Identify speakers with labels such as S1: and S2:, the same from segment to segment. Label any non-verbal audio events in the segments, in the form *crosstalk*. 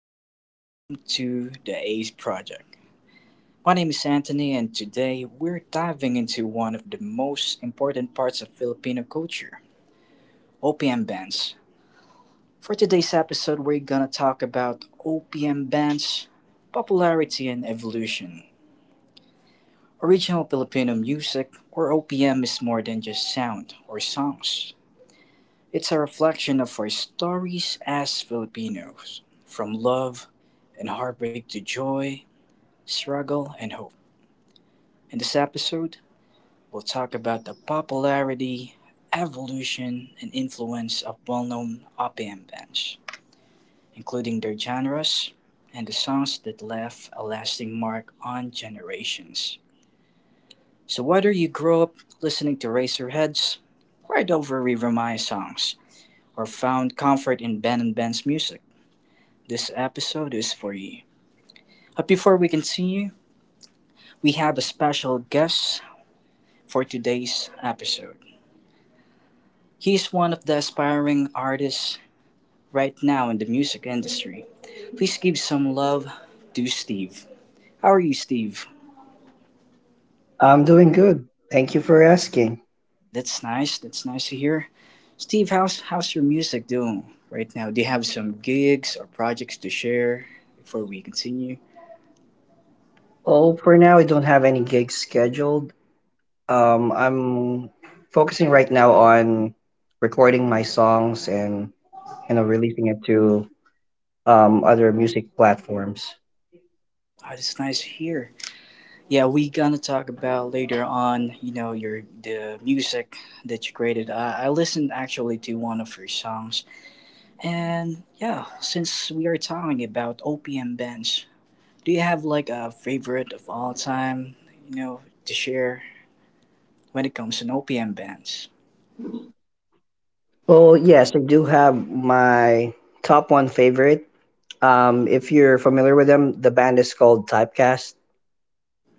S1: and welcome to the ACE Project. My name is Anthony, and today we're diving into one of the most important parts of Filipino culture, OPM bands. For today's episode, we're gonna talk about OPM bands, popularity, and evolution. Original Filipino music, or OPM, is more than just sound or songs. It's a reflection of our stories as Filipinos, from love and heartbreak to joy, struggle, and hope. In this episode, we'll talk about the popularity, evolution, and influence of well known OPM bands, including their genres and the songs that left a lasting mark on generations. So, whether you grew up listening to Razorheads, cried over River Maya songs, or found comfort in Ben and Ben's music, this episode is for you. But before we continue, we have a special guest for today's episode. He is one of the aspiring artists right now in the music industry. Please give some love to Steve. How are you, Steve?
S2: I'm doing good. Thank you for asking.
S1: That's nice. That's nice to hear. Steve, how's your music doing right now? Do you have some gigs or projects to share before we continue?
S2: Oh, for now, I don't have any gigs scheduled. I'm focusing right now on recording my songs and you know releasing it to other music platforms.
S1: Oh, that's nice to hear. Yeah, we gonna talk about later on. Your the music that you created. I listened actually to one of your songs, and yeah, since we are talking about OPM bands, do you have like a favorite of all time? To share when it comes to OPM bands.
S2: Well, yes, I do have my top one favorite. If you're familiar with them, the band is called Typecast.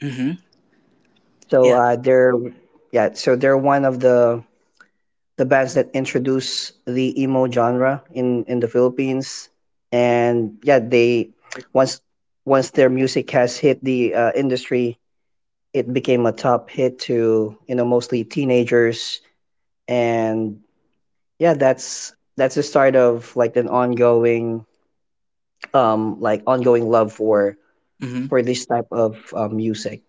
S1: Mm-hmm.
S2: So
S1: Yeah.
S2: they're yeah, so they're one of the bands that introduce the emo genre in the Philippines. And yeah, they once once their music has hit the industry, it became a top hit to you know mostly teenagers. And yeah, that's the start of like an ongoing like ongoing love
S1: Mm-hmm.
S2: for this type of music.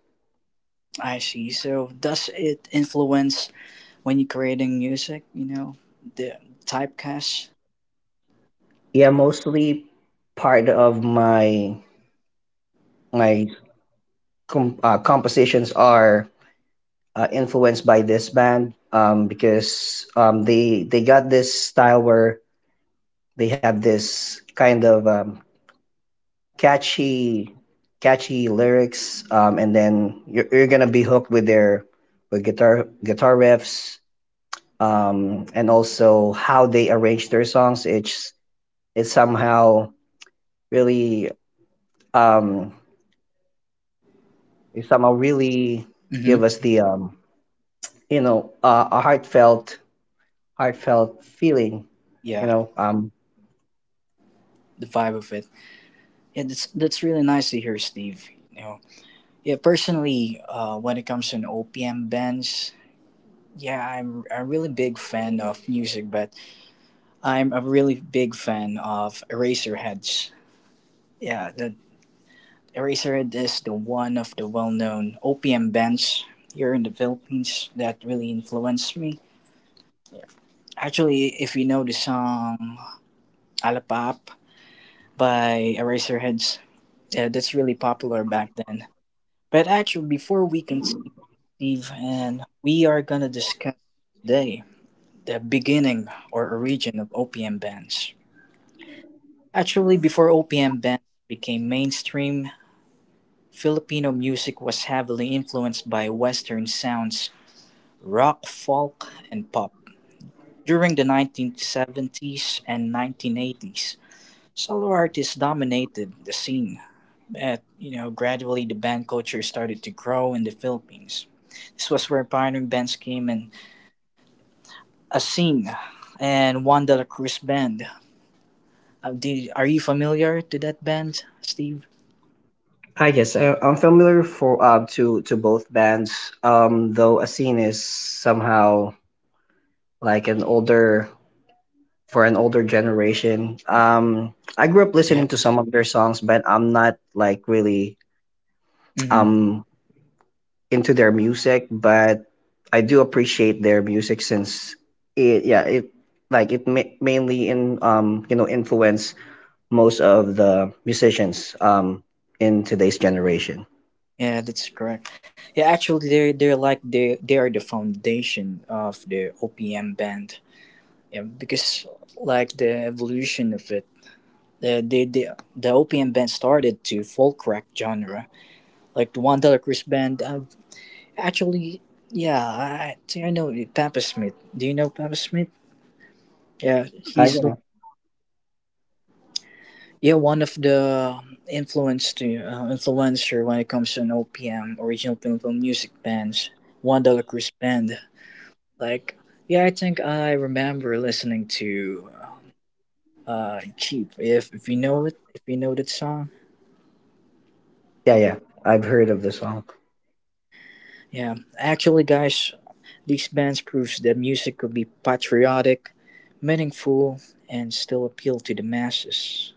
S1: I see. So does it influence when you're creating music? You know, the typecast.
S2: Yeah, mostly part of my compositions are influenced by this band because they got this style where they have this kind of catchy catchy lyrics and then you're gonna be hooked with their with guitar riffs and also how they arrange their songs. It's somehow really um, it somehow really give
S1: Mm-hmm.
S2: us the you know a heartfelt feeling you
S1: Yeah,
S2: know
S1: the vibe of it. Yeah, that's really nice to hear, Steve. You know, yeah, personally, when it comes to an OPM bands, yeah, I'm a really big fan of music, but I'm a really big fan of Eraserheads. Yeah, the Eraserhead is the one of the well-known OPM bands here in the Philippines that really influenced me. Actually, if you know the song "Alapap" by Eraserheads, yeah, that's really popular back then. But actually, before we continue, Steve, and we are gonna discuss today the beginning or origin of OPM bands. Actually, before OPM bands became mainstream, Filipino music was heavily influenced by Western sounds, rock, folk, and pop. During the 1970s and 1980s, solo artists dominated the scene, at gradually the band culture started to grow in the Philippines. This was where pioneering bands came in, Asing and Juan de la Cruz band. Are you familiar to that band, Steve?
S2: Ah, yes, I'm familiar for to both bands. Though Asin is somehow like an older for an older generation. I grew up
S1: Yeah.
S2: listening to some of their songs, but I'm not like really
S1: Mm-hmm.
S2: um into their music. But I do appreciate their music since it yeah it like it mainly in you know influence most of the musicians in today's generation.
S1: Yeah, that's correct. Yeah, actually, they're like they are the foundation of the OPM band. Yeah, because like the evolution of it, the the the, the OPM band started to folk rock genre. Like the Juan One Dollar Cruz band. Actually, yeah, I think I know the Papa Smith. Do you know Papa Smith? Yeah, he's the,
S2: Yeah,
S1: yeah, one of the influencer when it comes to an OPM original Pilgrim music bands, One Dollar Cruise Band. Like, yeah, I think I remember listening to Cheap. If you know it, if you know that song,
S2: yeah, yeah. I've heard of the song.
S1: yeah. Actually, guys, these bands proves that music could be patriotic, meaningful, and still appeal to the masses.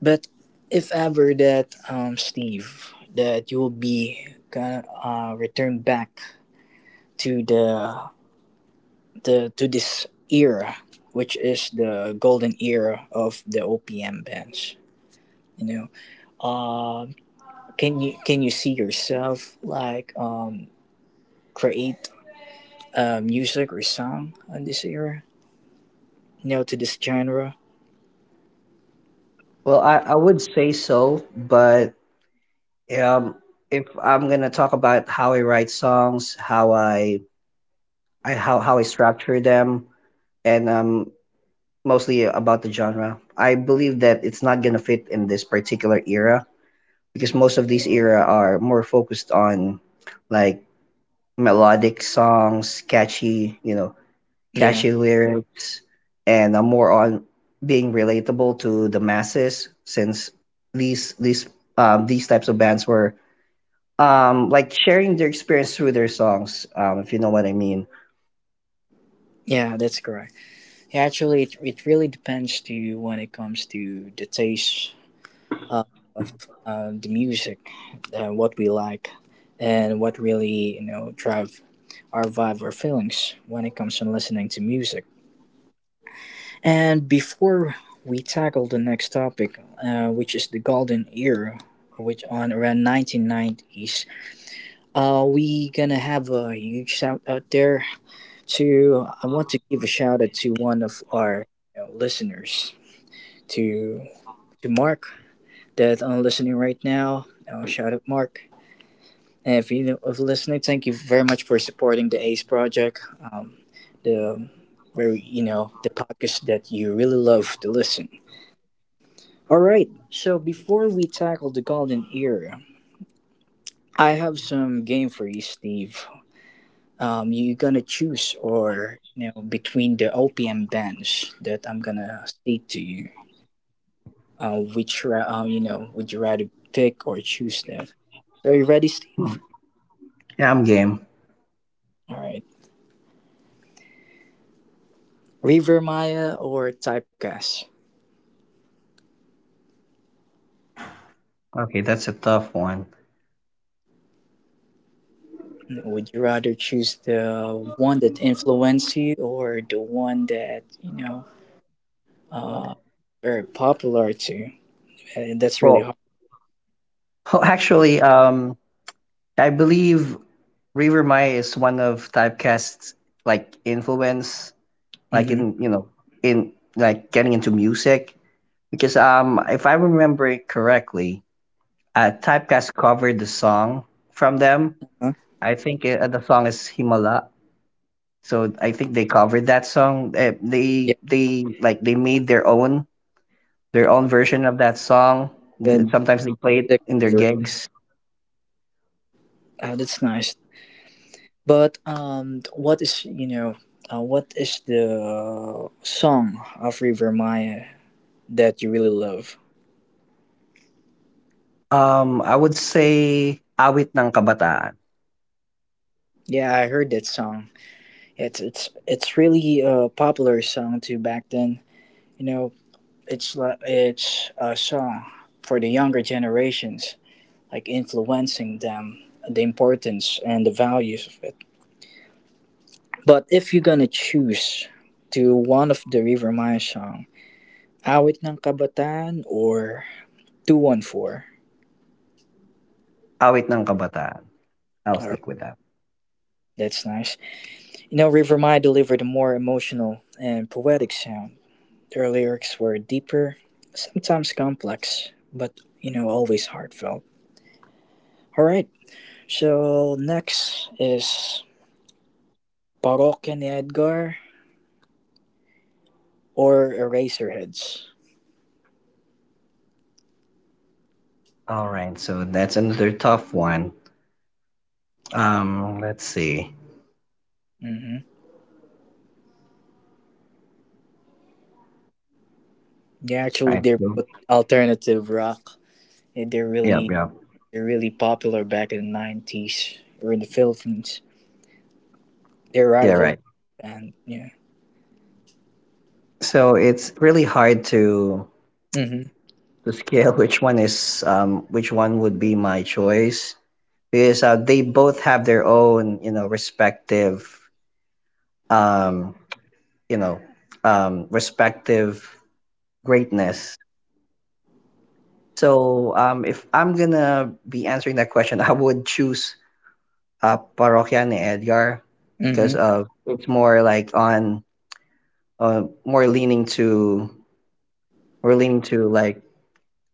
S1: But if ever that, Steve, that you'll be gonna return back to the to this era, which is the golden era of the OPM bands. You know, can you see yourself like create music or song on this era. You know, to this genre.
S2: Well, I would say so, but um, if I'm gonna talk about how I write songs, how I structure them, and mostly about the genre. I believe that it's not gonna fit in this particular era because most of these era are more focused on like melodic songs, catchy, you know,
S1: Yeah,
S2: catchy lyrics, and more on being relatable to the masses. Since these these these types of bands were like sharing their experience through their songs, if you know what I mean.
S1: yeah, that's correct. Yeah, actually, it really depends to you when it comes to the taste of the music and what we like and what really drive our vibe or feelings when it comes to listening to music. And before we tackle the next topic, which is the golden era, which on around 1990s, we gonna have a huge shout out there. To i want to give a shout out to one of our, you know, listeners to to Mark that I'm listening right now. Shout out Mark. And if you're listening, thank you very much for supporting the ACE project. The the podcast that you really love to listen. All right. So before we tackle the golden era, I have some game for you, Steve. You're gonna choose or you know between the OPM bands that I'm gonna state to you. Which ra- you know would you rather pick or choose that? Are you ready,
S2: Hmm.
S1: Steve?
S2: Yeah, I'm game.
S1: All right. River Maya or Typecast?
S2: Okay, that's a tough one.
S1: Would you rather choose the one that influenced you or the one that uh very popular to? That's really
S2: Well,
S1: hard.
S2: *laughs* actually, I believe River Maya is one of typecast's like influence, like
S1: Mm-hmm.
S2: in you know in like getting into music because if I remember it correctly, typecast covered the song from them.
S1: Huh?
S2: I think the song is Himala, so I think they covered that song.
S1: Yeah,
S2: They like they made their own version of that song.
S1: good.
S2: Sometimes they play it
S1: The
S2: in their
S1: cover.
S2: gigs.
S1: That's nice. But what is the song of River Maya that you really love?
S2: I would say awit ng kabataan.
S1: Yeah, I heard that song. It's really a popular song too back then. You know, it's like it's a song for the younger generations, like influencing them, the importance and the values of it. But if you're gonna choose to one of the River Maya song, "Awit ng Kabataan" or 214,
S2: Awit ng Kabataan. I'll
S1: or
S2: stick with that.
S1: that's nice. You know, River Maya delivered a more emotional and poetic sound. Their lyrics were deeper, sometimes complex, but you know, always heartfelt. All right, so next is Parokya ni Edgar or Eraserheads.
S2: All right, so that's another tough one. Let's see.
S1: Mm-hmm. They,
S2: All
S1: actually,
S2: right,
S1: they're
S2: so,
S1: both alternative rock. And They're
S2: yep, yep,
S1: really they're really popular back in the nineties or in the Philippines. They're
S2: yeah,
S1: rival,
S2: right.
S1: and yeah.
S2: So it's really hard
S1: Mm-hmm.
S2: to scale *laughs* which one is which one would be my choice because they both have their own you know respective um you know respective greatness. So if I'm gonna be answering that question, *laughs* I would choose Parokya and Edgar
S1: Mm-hmm.
S2: because it's more like on uh, more leaning to more leaning to like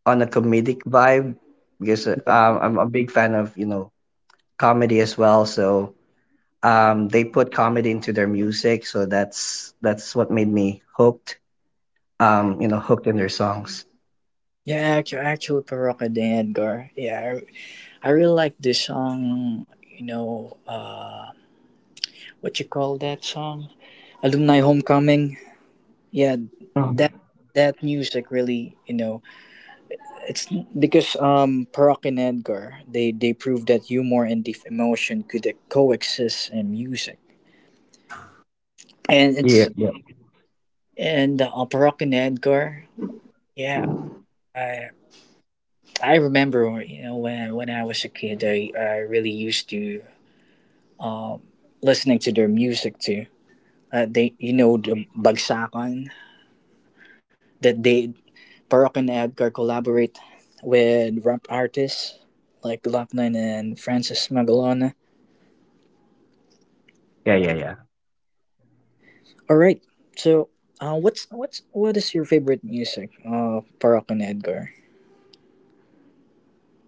S2: on a comedic vibe because
S1: Yeah.
S2: I'm a big fan of you know comedy as well. So they put comedy into their music, so that's what made me hooked. You know, hooked in their songs.
S1: Yeah. Actually, Parokya ni Edgar. Yeah, I really like this song. You know, what you call that song? Alumni Homecoming. Yeah,
S2: Mhm.
S1: that that music really, you know, it's because Parock and Edgar, they proved that humor and deep emotion could coexist in music. and it's
S2: Yeah, yeah,
S1: and uh, Parock and Edgar. Yeah, I I remember when I was a kid, I really used to um listening to their music too. They, you know, the Bagsakan that they, Parock and Edgar, collaborate with rap artists like Glockman and Francis Magalona.
S2: yeah, yeah, yeah.
S1: All right. So, what is your favorite music? Para kay Edgar.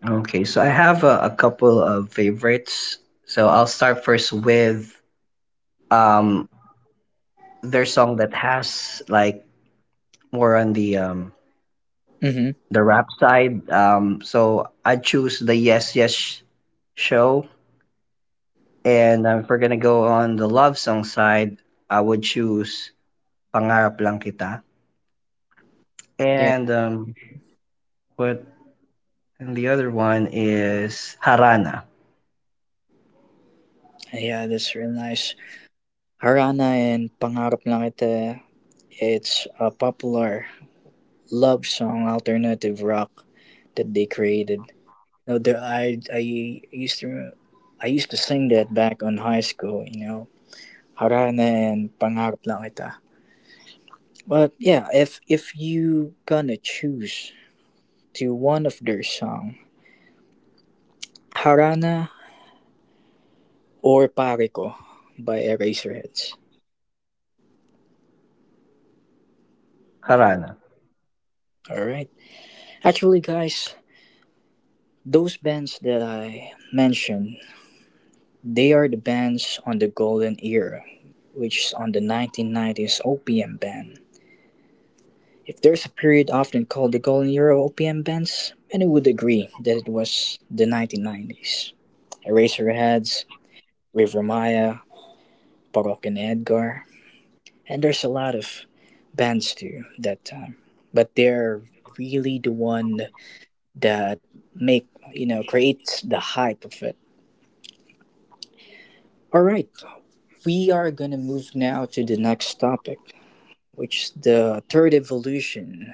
S2: Okay, so I have a couple of favorites. So I'll start first with um their song that has like more on
S1: Mm-hmm.
S2: the rap side. So I choose the Yes Yes show, and if we're gonna go on the love song side, I would choose Pangarap Lang Kita,
S1: Yeah,
S2: and what and the other one is Harana.
S1: yeah, that's real nice. Harana and Pangarap Lang Ito. It's a popular love song, alternative rock, that they created. No, the, used to I used to sing that back on high school. You know, Harana and Pangarap Lang Ito. But yeah, if you gonna choose to one of their song, Harana or Pariko by Eraserheads.
S2: Harana.
S1: Alright. Actually, guys, those bands that I mentioned, they are the bands on the golden era, which is on the 1990s OPM band. If there's a period often called the golden era of OPM bands, many would agree that it was the 1990s. Eraserheads, River Maya, Parok and Edgar, and there's a lot of bands too that time. But they're really the one that make you know creates the hype of it. All right, we are going to move now to the next topic, which is the third evolution,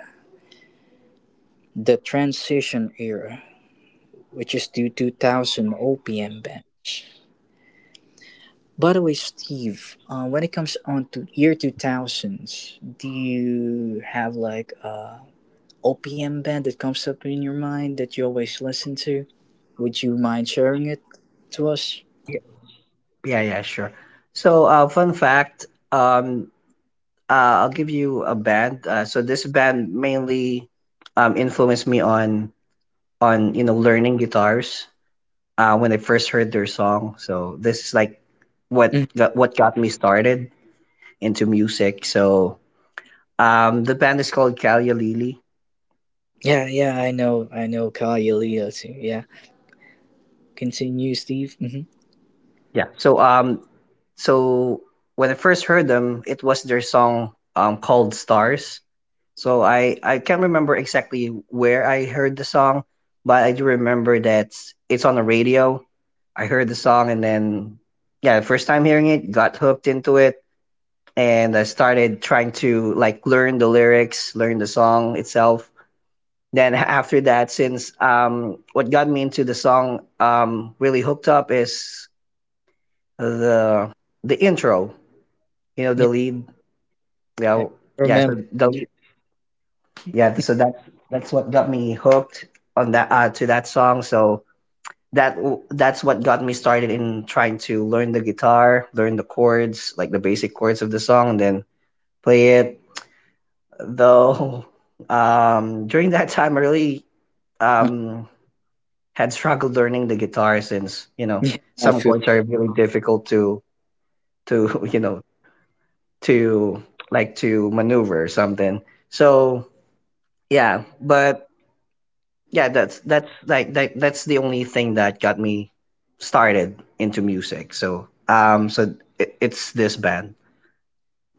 S1: the transition era, which is the 2000 OPM bench. By the way, Steve, when it comes on to year 2000s, do you have like a OPM band that comes up in your mind that you always listen to? Would you mind sharing it to us?
S2: Y- Yeah, yeah, sure. So, fun fact. Um, I'll give you a band. So this band mainly influenced me on you know learning guitars when I first heard their song. So this is like what got me started into music. So the band is called Kalia Lili.
S1: Yeah, yeah, I know Kailua too. Yeah, continue, Steve. Hmm.
S2: Yeah. So so when I first heard them, it was their song called Stars. So I can't remember exactly where I heard the song, but I do remember that it's on the radio. I heard the song and then yeah, the first time hearing it, got hooked into it and I started trying to like learn the lyrics, learn the song itself. Then after that, since what got me into the song really hooked up is the the intro, you know, the
S1: Yeah,
S2: lead.
S1: yeah,
S2: Yeah, yeah.
S1: remember.
S2: So the lead, yeah. So that's what got me hooked on that song. So that that's what got me started in trying to learn the guitar, learn the chords, like the basic chords of the song, and then play it though *laughs* during that time I really
S1: Uh,
S2: um had struggled learning the guitar since you
S1: *laughs* yeah,
S2: know
S1: I
S2: some
S1: feel.
S2: chords are really difficult to *laughs* you know to like to maneuver or something so yeah but yeah that's like that's the only thing that got me started into music so so it's this band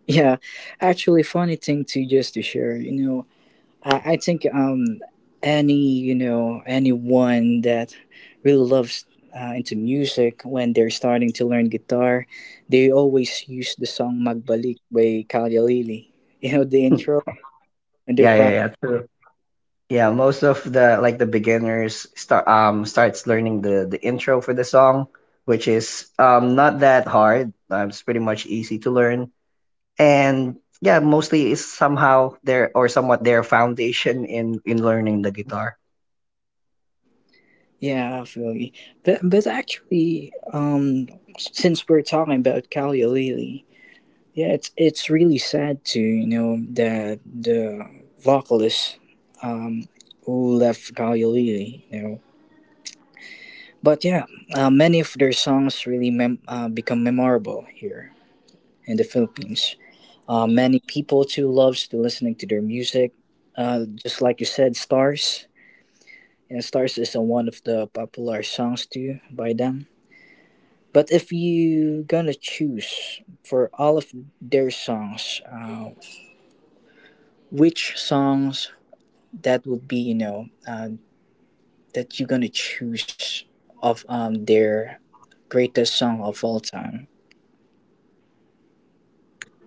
S1: Yeah, actually, funny thing too, just to share. You know, I think any anyone that really loves into music when they're starting to learn guitar, they always use the song "Magbalik" by Kailua. You know, the intro when they're.
S2: yeah yeah yeah. Yeah, most of the like the beginners start starts learning the intro for the song, which is not that hard. It's pretty much easy to learn, and yeah, mostly is somehow their or somewhat their foundation in learning the guitar.
S1: Yeah, I feel you. But actually, since we're talking about Kalioleili, yeah, it's really sad to you know that the vocalist, um, who left Kalioleili. But yeah, many of their songs really become memorable here in the Philippines. Many people too loves to listening to their music. Just like you said, stars. And stars is one of the popular songs too by them. But if you gonna choose for all of their songs, which songs that would be, you know, that you gonna choose of their greatest song of all time?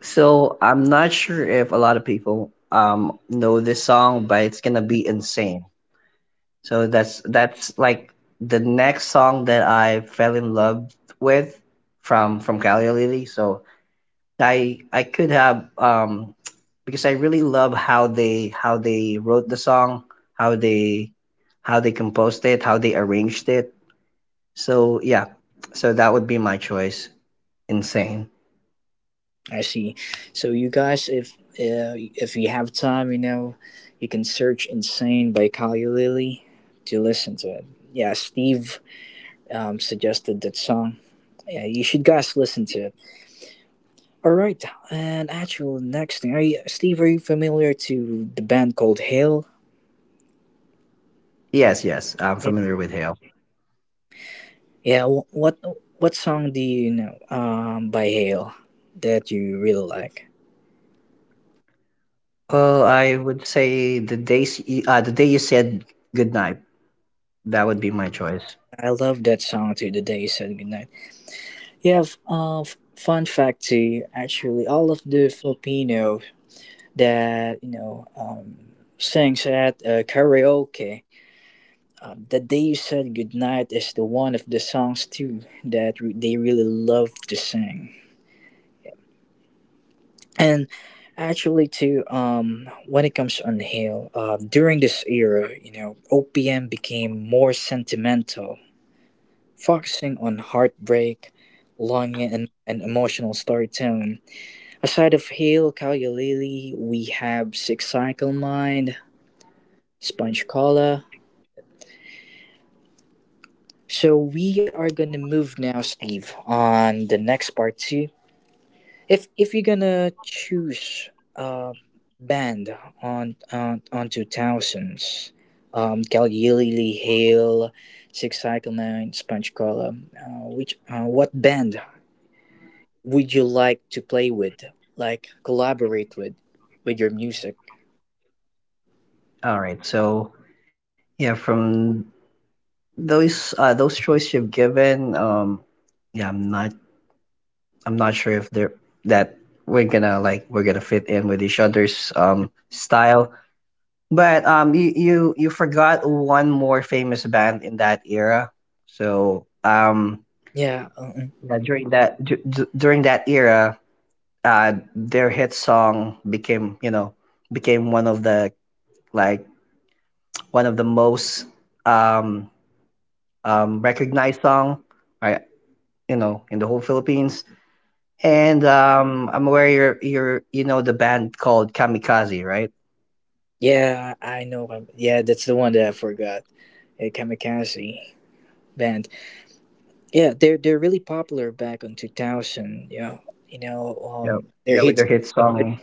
S2: So I'm not sure if a lot of people know this song, but it's gonna be insane. So that's like the next song that I fell in love with from Cali Lily. So I could have *tsk* because I really love how they wrote the song, how they how they composed it, how they arranged it. So yeah, so that would be my choice. Insane.
S1: I see. So you guys, if you have time, you know, you can search "Insane" by Kali Lily to listen to it. Yeah, Steve suggested that song. Yeah, you should guys listen to it. All right, and actual next thing, are you, Steve? Are you familiar to the band called Hail?
S2: Yes, yes, I'm familiar with Hail.
S1: Yeah, what song do you know by Hail that you really like?
S2: Well, I would say the day you said goodnight. That would be my choice.
S1: I love that song to the day you said goodnight. Fun fact too. Actually, all of the Filipino that sings at karaoke, the day you said goodnight is the one of the songs too that they really love to sing. And actually, too, when it comes to Unhail, during this era, you know, OPM became more sentimental, focusing on heartbreak, longing, and emotional storytelling. Aside of Hail Kalyalili, we have Six Cycle Mind, Sponge Cola. So we are gonna move now, Steve, on the next part two, if you're gonna choose a band on 2000s, Galilei Hale, Six Cycle Nine, Sponge Cola, which what band would you like to play with, like collaborate with your music?
S2: All right. So yeah, from those choices you've given, yeah, I'm not sure if they're that we're gonna fit in with each other's style. But you forgot one more famous band in that era. So
S1: Yeah, uh,
S2: yeah during that during that era their hit song became you know became one of the like one of the most um recognized song I you know in the whole Philippines. And I'm aware you know the band called Kamikaze, right?
S1: yeah, I know. Yeah, that's the one that I forgot. A kamikaze band. Yeah, they're really popular back in 2000. Yeah, you know,
S2: Yeah,
S1: their
S2: yeah, with
S1: hits.
S2: their hit song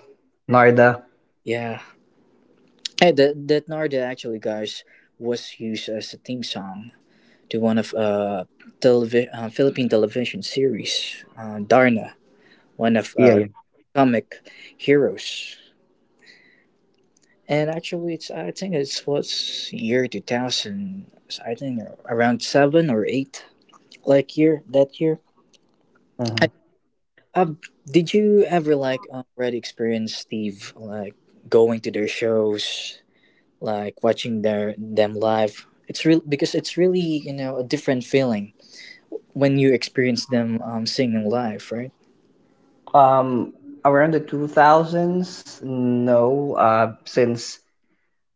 S2: Narda.
S1: Yeah. Hey, that Narda actually, guys, was used as a theme song to one of Philippine television series, Darna, one of
S2: Yeah, yeah.
S1: comic heroes. And actually, it's I think it's what's year 2000. I think around seven or eight, like year that year.
S2: Hmm.
S1: I, um, did you ever like already experience Steve like going to their shows? Like watching their them live. It's real because it's really, you know, a different feeling when you experience them singing live, right?
S2: Um, Around the 2000s, no. Since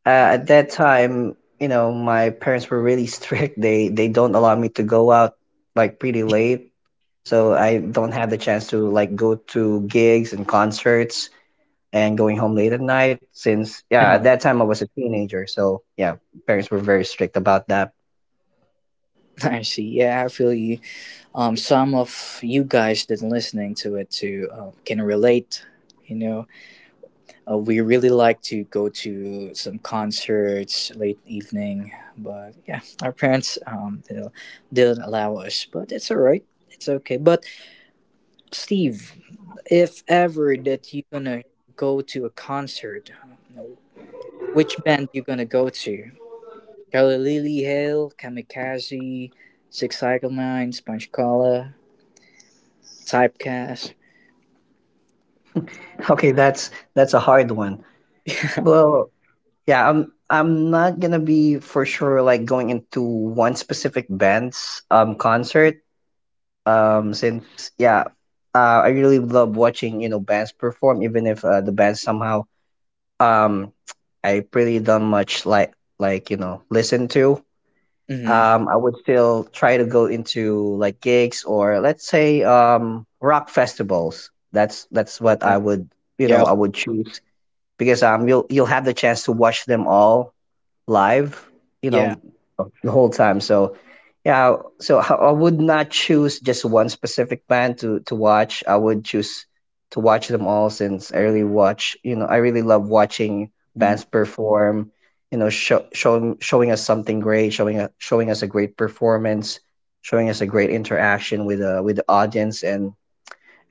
S2: at that time, you know, my parents were really *laughs* strict. They don't allow me to go out like pretty late, so I don't have the chance to like go to gigs and concerts and going home late at night since yeah at that
S1: Oh,
S2: time I was a teenager so yeah parents were very strict about that.
S1: *laughs* I see. Yeah, I feel you. Some of you guys that are listening to it too can relate. You know, we really like to go to some concerts late evening, but yeah, our parents didn't allow us. But it's all right. It's okay. But Steve, if ever that you gonna go to a concert, which band you gonna go to? Kelly Lily Hale, Kamikaze, Six Cycle Nine, Sponge Cola, Typecast.
S2: Okay, that's a hard one. Well, yeah, I'm not gonna be for sure like going into one specific band's concert. Since yeah I really love watching you know bands perform even if the band somehow um I really don't much like you know listen to
S1: Mm-hmm.
S2: I would still try to go into like gigs or let's say rock festivals. That's what I
S1: Yeah.
S2: would you know
S1: Yeah.
S2: I would choose because you'll have the chance to watch them all live, you
S1: Yeah.
S2: know, the whole time. So yeah, so I would not choose just one specific band to watch. I would choose to watch them all since I really watch, you know, I really love watching
S1: Mhm.
S2: bands perform, you know, showing us something great, showing us a great performance, showing us a great interaction with the audience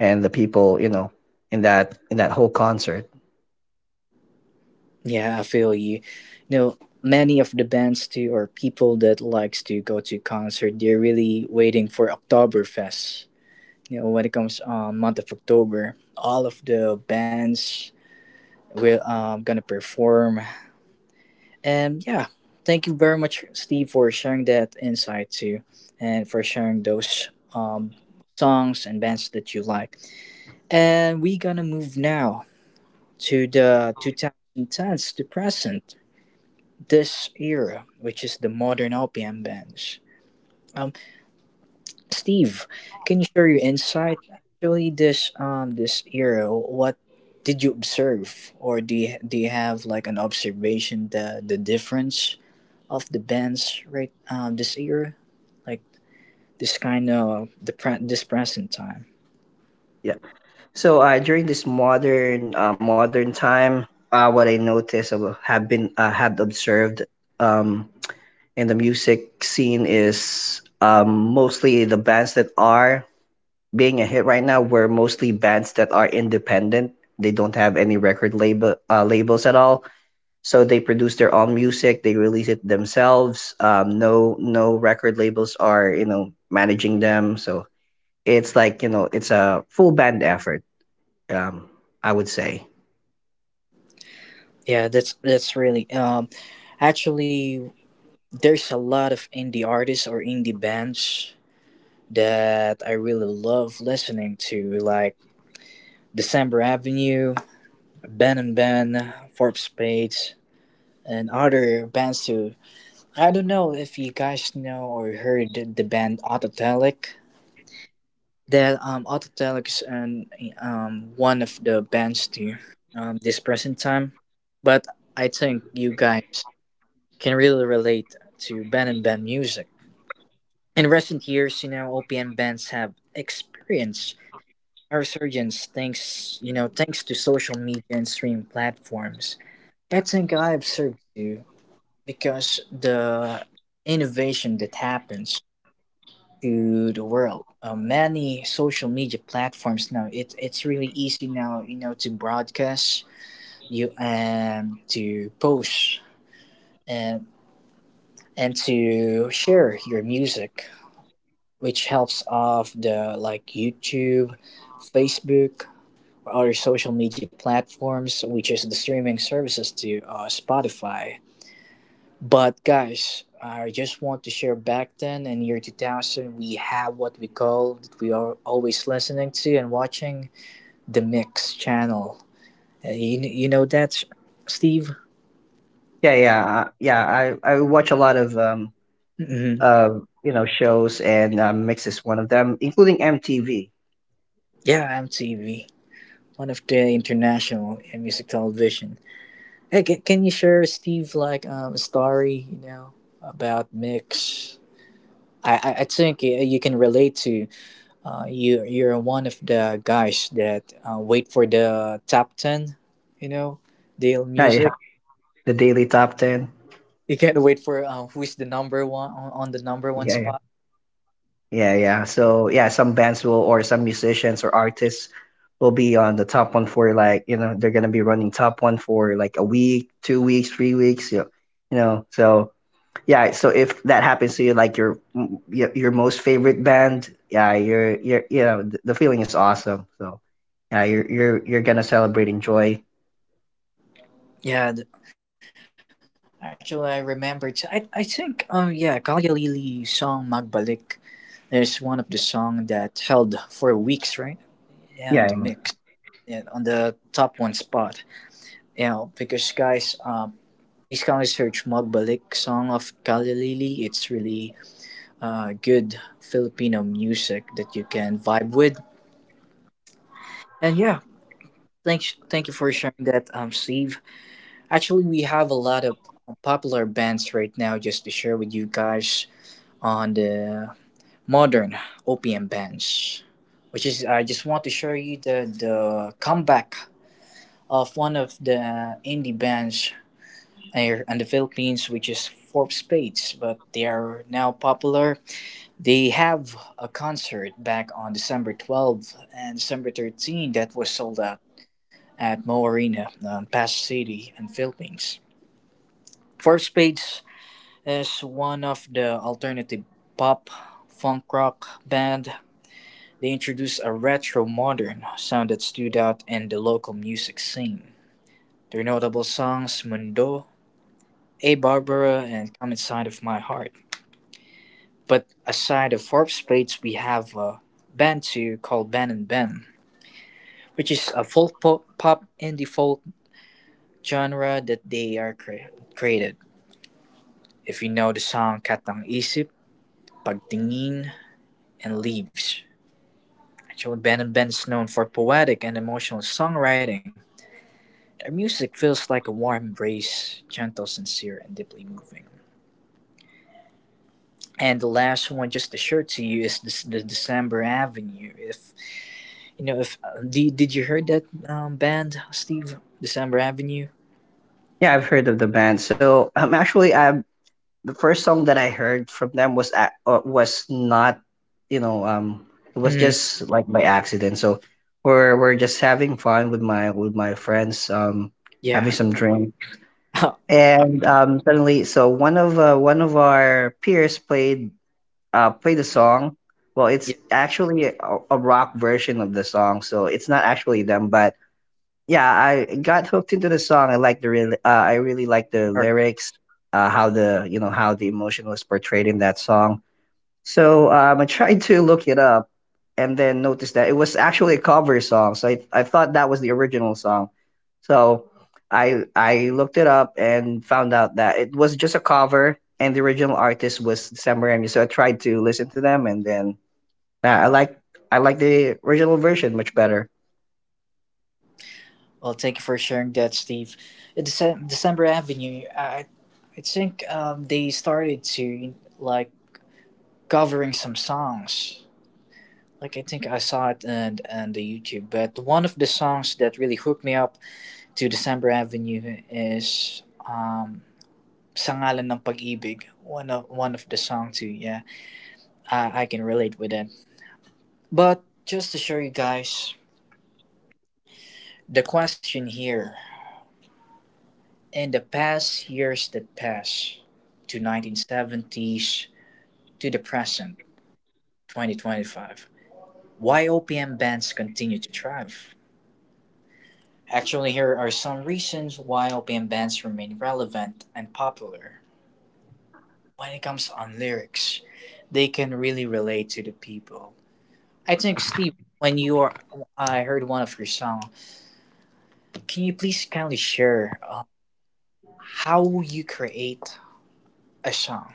S2: and the people, you know, in that whole concert.
S1: Yeah. I feel you. You know, many of the bands too, or people that likes to go to concert, they're really waiting for Oktoberfest. You know, when it comes on month of October, all of the bands we're gonna perform. And yeah, thank you very much, Steve, for sharing that insight too, and for sharing those songs and bands that you like. And we're gonna move now to the 2010s to present, this era, which is the modern OPM bands. Um, Steve, can you share your insight? Actually, this this era, what did you observe, or do you have like an observation, the difference of the bands right this era, like this kind of this present time.
S2: Yeah. So during this modern modern time, what I noticed have observed um, in the music scene is mostly the bands that are being a hit right now were mostly bands that are independent. They don't have any record label labels at all. So they produce their own music. They release it themselves. No record labels are you know managing them. So it's like you know it's a full band effort um, I would say.
S1: Yeah, that's really actually there's a lot of indie artists or indie bands that I really love listening to, like December Avenue, Ben and Ben, Forbes Spades, and other bands too. I don't know if you guys know or heard the band Autotelic. That Autotelex and one of the bands do this present time, but I think you guys can really relate to band and band music. In recent years, you know, OPM bands have experienced a resurgence, thanks you know thanks to social media and streaming platforms. I think I observed too because the innovation that happens to the world. Many social media platforms now. It's really easy now, you know, to broadcast you and to post and and to share your music, which helps off the like YouTube, Facebook, or other social media platforms, which is the streaming services to Spotify. But guys, I just want to share back then in year 2000, we have what we call, that we are always listening to and watching, the Mix channel. You know that, Steve?
S2: Yeah, yeah, yeah. I watch a lot of
S1: Mm-hmm.
S2: uh you know shows and Mix is one of them, including MTV.
S1: Yeah, MTV, one of the international music television. Hey, can you share, Steve, like a story, you know, about Mix? I think you can relate to. You you're one of the guys that wait for the top 10, you know, Dale
S2: Yeah, yeah.
S1: Music.
S2: The Daily Top Ten.
S1: You can't wait for who's the number one on the number one
S2: Yeah, yeah,
S1: spot.
S2: yeah, yeah. So yeah, some bands will or some musicians or artists will be on the top one for like they're gonna be running top one for like a week, 2 weeks, 3 weeks. You know. So Yeah, so if that happens to you, like your most favorite band, yeah, you're you know th- the feeling is awesome. So yeah, you're gonna celebrate, enjoy.
S1: Yeah, th- Actually, I remember. I think yeah, Kalya Lili song Magbalik is one of the song that held for weeks, right? Yeah, and the
S2: Yeah, and-
S1: mix yeah, on the top one spot. Yeah, because guys, please kindly search Magbalik song of Kalya Lili. It's really good Filipino music that you can vibe with. And yeah, thank you for sharing that, Steve. Actually, we have a lot of popular bands right now just to share with you guys on the modern OPM bands, which is I just want to show you the comeback of one of the indie bands here in the Philippines, which is Four Spades, but they are now popular. They have a concert back on December 12th and December 13th that was sold out at Mo Arena in Pasig City in Philippines. Four Spades is one of the alternative pop funk rock band. They introduced a retro modern sound that stood out in the local music scene. Their notable songs Mundo, A Barbara, and Come Inside of My Heart. But aside of Four Spades, we have a band too called Ben and Ben, which is a pop indie folk genre that they are created. If you know the song Katang Isip, Pagtingin, and Leaves. Actually, Ben and Ben is known for poetic and emotional songwriting. Their music feels like a warm embrace, gentle, sincere, and deeply moving. And the last one, just to share to you, is this, the December Avenue. If you know, if Did you heard that band, Steve? December Avenue.
S2: yeah, I've heard of the band. So actually, the first song that I heard from them was was not, you know, um, it was
S1: Mm-hmm.
S2: just like by accident. So we're just having fun with my friends, having
S1: Yeah.
S2: some drink,
S1: *laughs* All right,
S2: and suddenly, so one of our peers play the song. Well, it's
S1: yeah.
S2: actually a rock version of the song, so it's not actually them. But yeah, I got hooked into the song. I like the real. I really like the
S1: All right.
S2: lyrics, how the emotion was portrayed in that song. So I tried to look it up and then noticed that it was actually a cover song. So I thought that was the original song. So I looked it up and found out that it was just a cover and the original artist was Sam Raimi. So I tried to listen to them and then nah, I like the original version much better.
S1: Well, thank you for sharing that, Steve. December Avenue, I think they started to like covering some songs. Like I think I saw it and the YouTube, but one of the songs that really hooked me up to December Avenue is um, "Sangalan ng Pag-ibig." One of the song too. Yeah, I can relate with that. But just to show you guys, the question here in the past years that pass to 1970s to the present 2025, why OPM bands continue to thrive. Actually, here are some reasons why OPM bands remain relevant and popular. When it comes on lyrics, they can really relate to the people. I think Steve, when you are, I heard one of your songs. Can you please kindly share how you create a song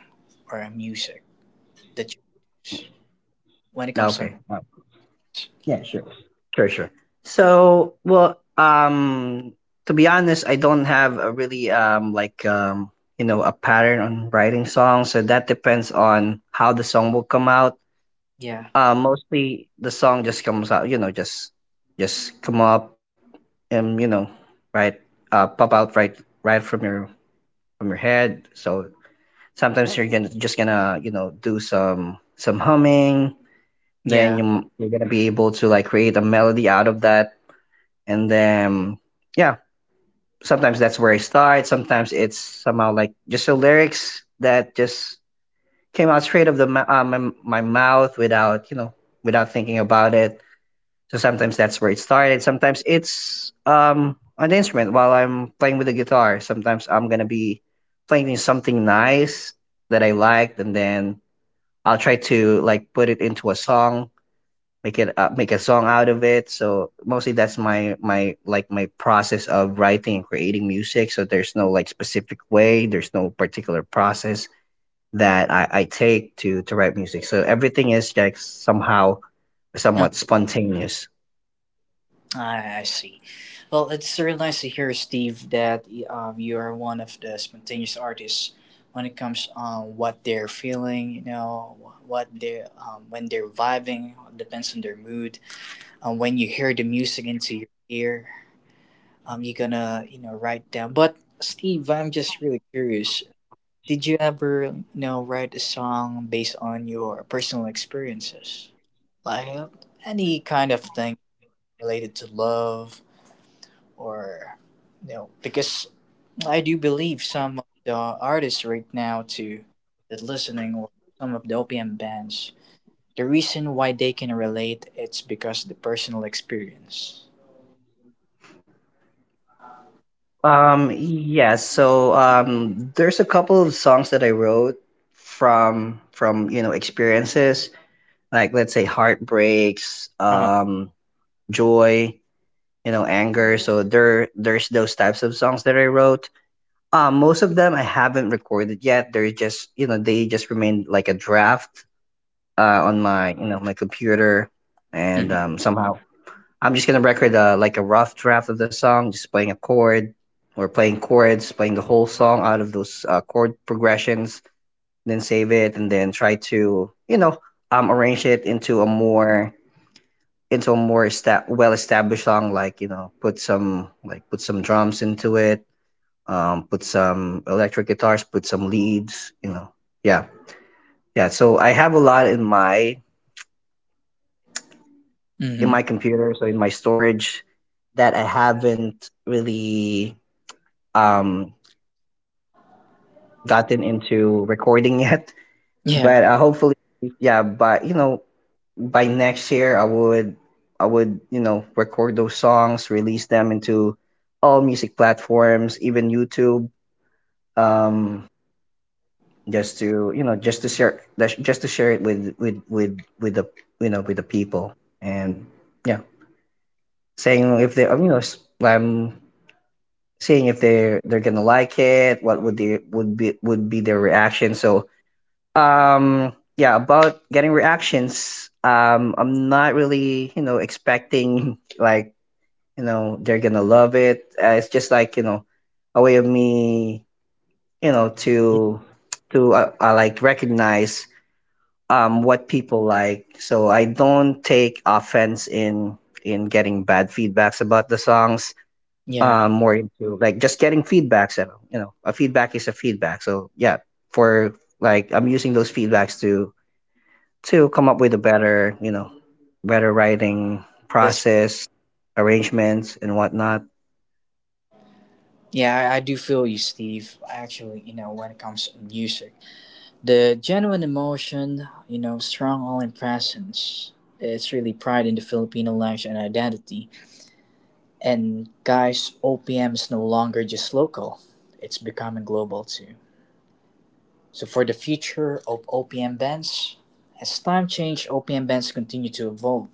S1: or a music that you produce? When it comes to
S2: Okay.
S1: noise.
S2: Yeah, sure. Sure. So, well, to be honest, I don't have a really a pattern on writing songs. So that depends on how the song will come out.
S1: Yeah,
S2: Mostly the song just comes out, you know, just come up and you know, right, pop out right from your head. So sometimes you're gonna just gonna you know do some humming, then
S1: yeah.
S2: you're gonna be able to like create a melody out of that and then yeah, sometimes that's where I start. Sometimes it's somehow like just the lyrics that just came out straight of the my mouth without you know without thinking about it. So sometimes that's where it started. Sometimes it's on the instrument while I'm playing with the guitar. Sometimes I'm gonna be playing something nice that I liked and then I'll try to like put it into a song, make it make a song out of it. So mostly that's my process of writing and creating music. So there's no like specific way, there's no particular process that I take to write music. So everything is like somehow
S1: Uh,
S2: somewhat spontaneous.
S1: I see. Well, it's really nice to hear, Steve, that you are one of the spontaneous artists when it comes on what they're feeling. You know, wh- what they when they're vibing depends on their mood. When you hear the music into your ear, you're gonna you know write down. But Steve, I'm just really curious. Did you ever you know write a song based on your personal experiences? Like any kind of thing related to love or you know, because I do believe some of the artists right now to that listening or some of the OPM bands, the reason why they can relate, it's because the personal experience.
S2: Yeah, so there's a couple of songs that I wrote from you know experiences, like let's say heartbreaks,
S1: Uh-huh.
S2: joy, you know, anger. So there's those types of songs that I wrote. Most of them I haven't recorded yet. They're just you know they just remain like a draft on my you know my computer.
S1: Hmm.
S2: And somehow I'm just gonna record like a rough draft of the song, just playing a chord or playing chords, playing the whole song out of those chord progressions, then save it and then try to you know arrange it into a more well-established song, like you know, put some drums into it, put some electric guitars, put some leads, you know, yeah, yeah. So I have a lot in
S1: Hmm.
S2: my computer, so in my storage that I haven't really um gotten into recording *laughs* yet,
S1: Yeah.
S2: but hopefully, yeah. But you know, by next year I would, you know, record those songs, release them into all music platforms, even YouTube, um just to, you know, just to just to share it with the, you know, with the people. And yeah, saying if they, you know, I'm seeing if they're going to like it, what would they would be their reaction. So, yeah, about getting reactions, I'm not really, you know, expecting *laughs* like you know they're gonna love it. It's just like you know a way of me you know
S1: Yeah.
S2: to like recognize what people like. So I don't take offense in getting bad feedbacks about the songs,
S1: Yeah.
S2: more into like just getting feedbacks that you know. A feedback is a feedback, so yeah, for, like, I'm using those feedbacks to come up with a better, you know, better writing
S1: That's,
S2: process, arrangements and whatnot.
S1: yeah, I do feel you, Steve. Actually, you know, when it comes to music, the genuine emotion, you know, strong all in presence. It's really pride in the Filipino language and identity. And guys, OPM is no longer just local, it's becoming global too. So, for the future of OPM bands, as time change, OPM bands continue to evolve.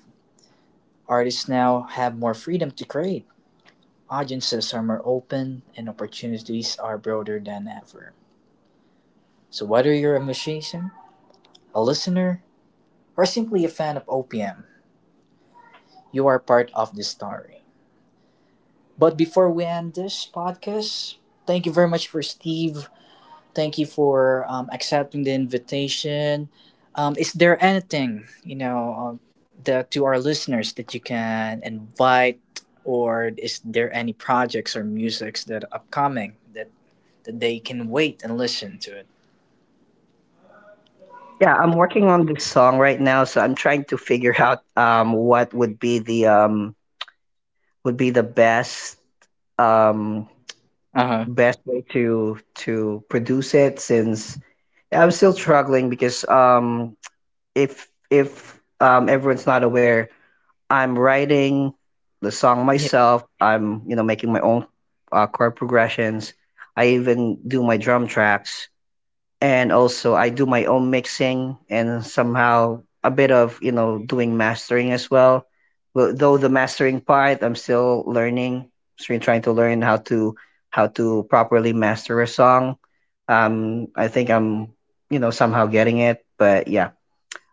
S1: Artists now have more freedom to create, audiences are more open, and opportunities are broader than ever. So, whether you're a musician, a listener, or simply a fan of OPM, you are part of the story. But before we end this podcast, thank you very much for Steve. Thank you for accepting the invitation. Is there anything that to our listeners that you can invite, or is there any projects or musics that are upcoming that, that they can wait and listen to it?
S2: Yeah, I'm working on this song right now, so I'm trying to figure out what would be the best um
S1: Uh huh.
S2: best way to produce it, since I'm still struggling because if everyone's not aware, I'm writing the
S1: Yeah,
S2: song myself. I'm you know making my own chord progressions. I even do my drum tracks and also I do my own mixing and somehow a bit of you know doing mastering as well. Well, though the mastering part, I'm still learning, still trying to learn how to properly master a song. I think I'm you know somehow getting it, but yeah,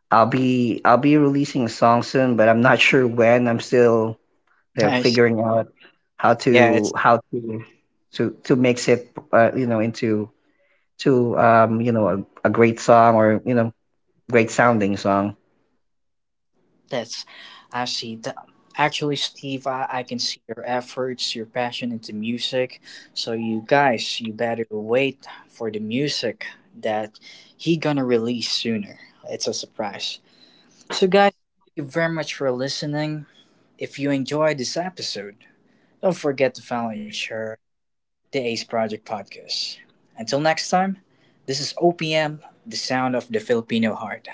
S2: I'll be releasing a song soon, but I'm not *laughs* sure when. I'm still
S1: *laughs* nice.
S2: figuring out
S1: Yeah, it's
S2: how to mix it, you know, into to you know, a great song or, you know, great sounding song.
S1: That's, I see that. Actually, Steve, I can see your efforts, your passion into music. So you guys, you better wait for the music that he gonna release sooner. It's a surprise. So guys, thank you very much for listening. If you enjoyed this episode, don't forget to follow and share the Ace Project podcast. Until next time, this is OPM, the sound of the Filipino heart.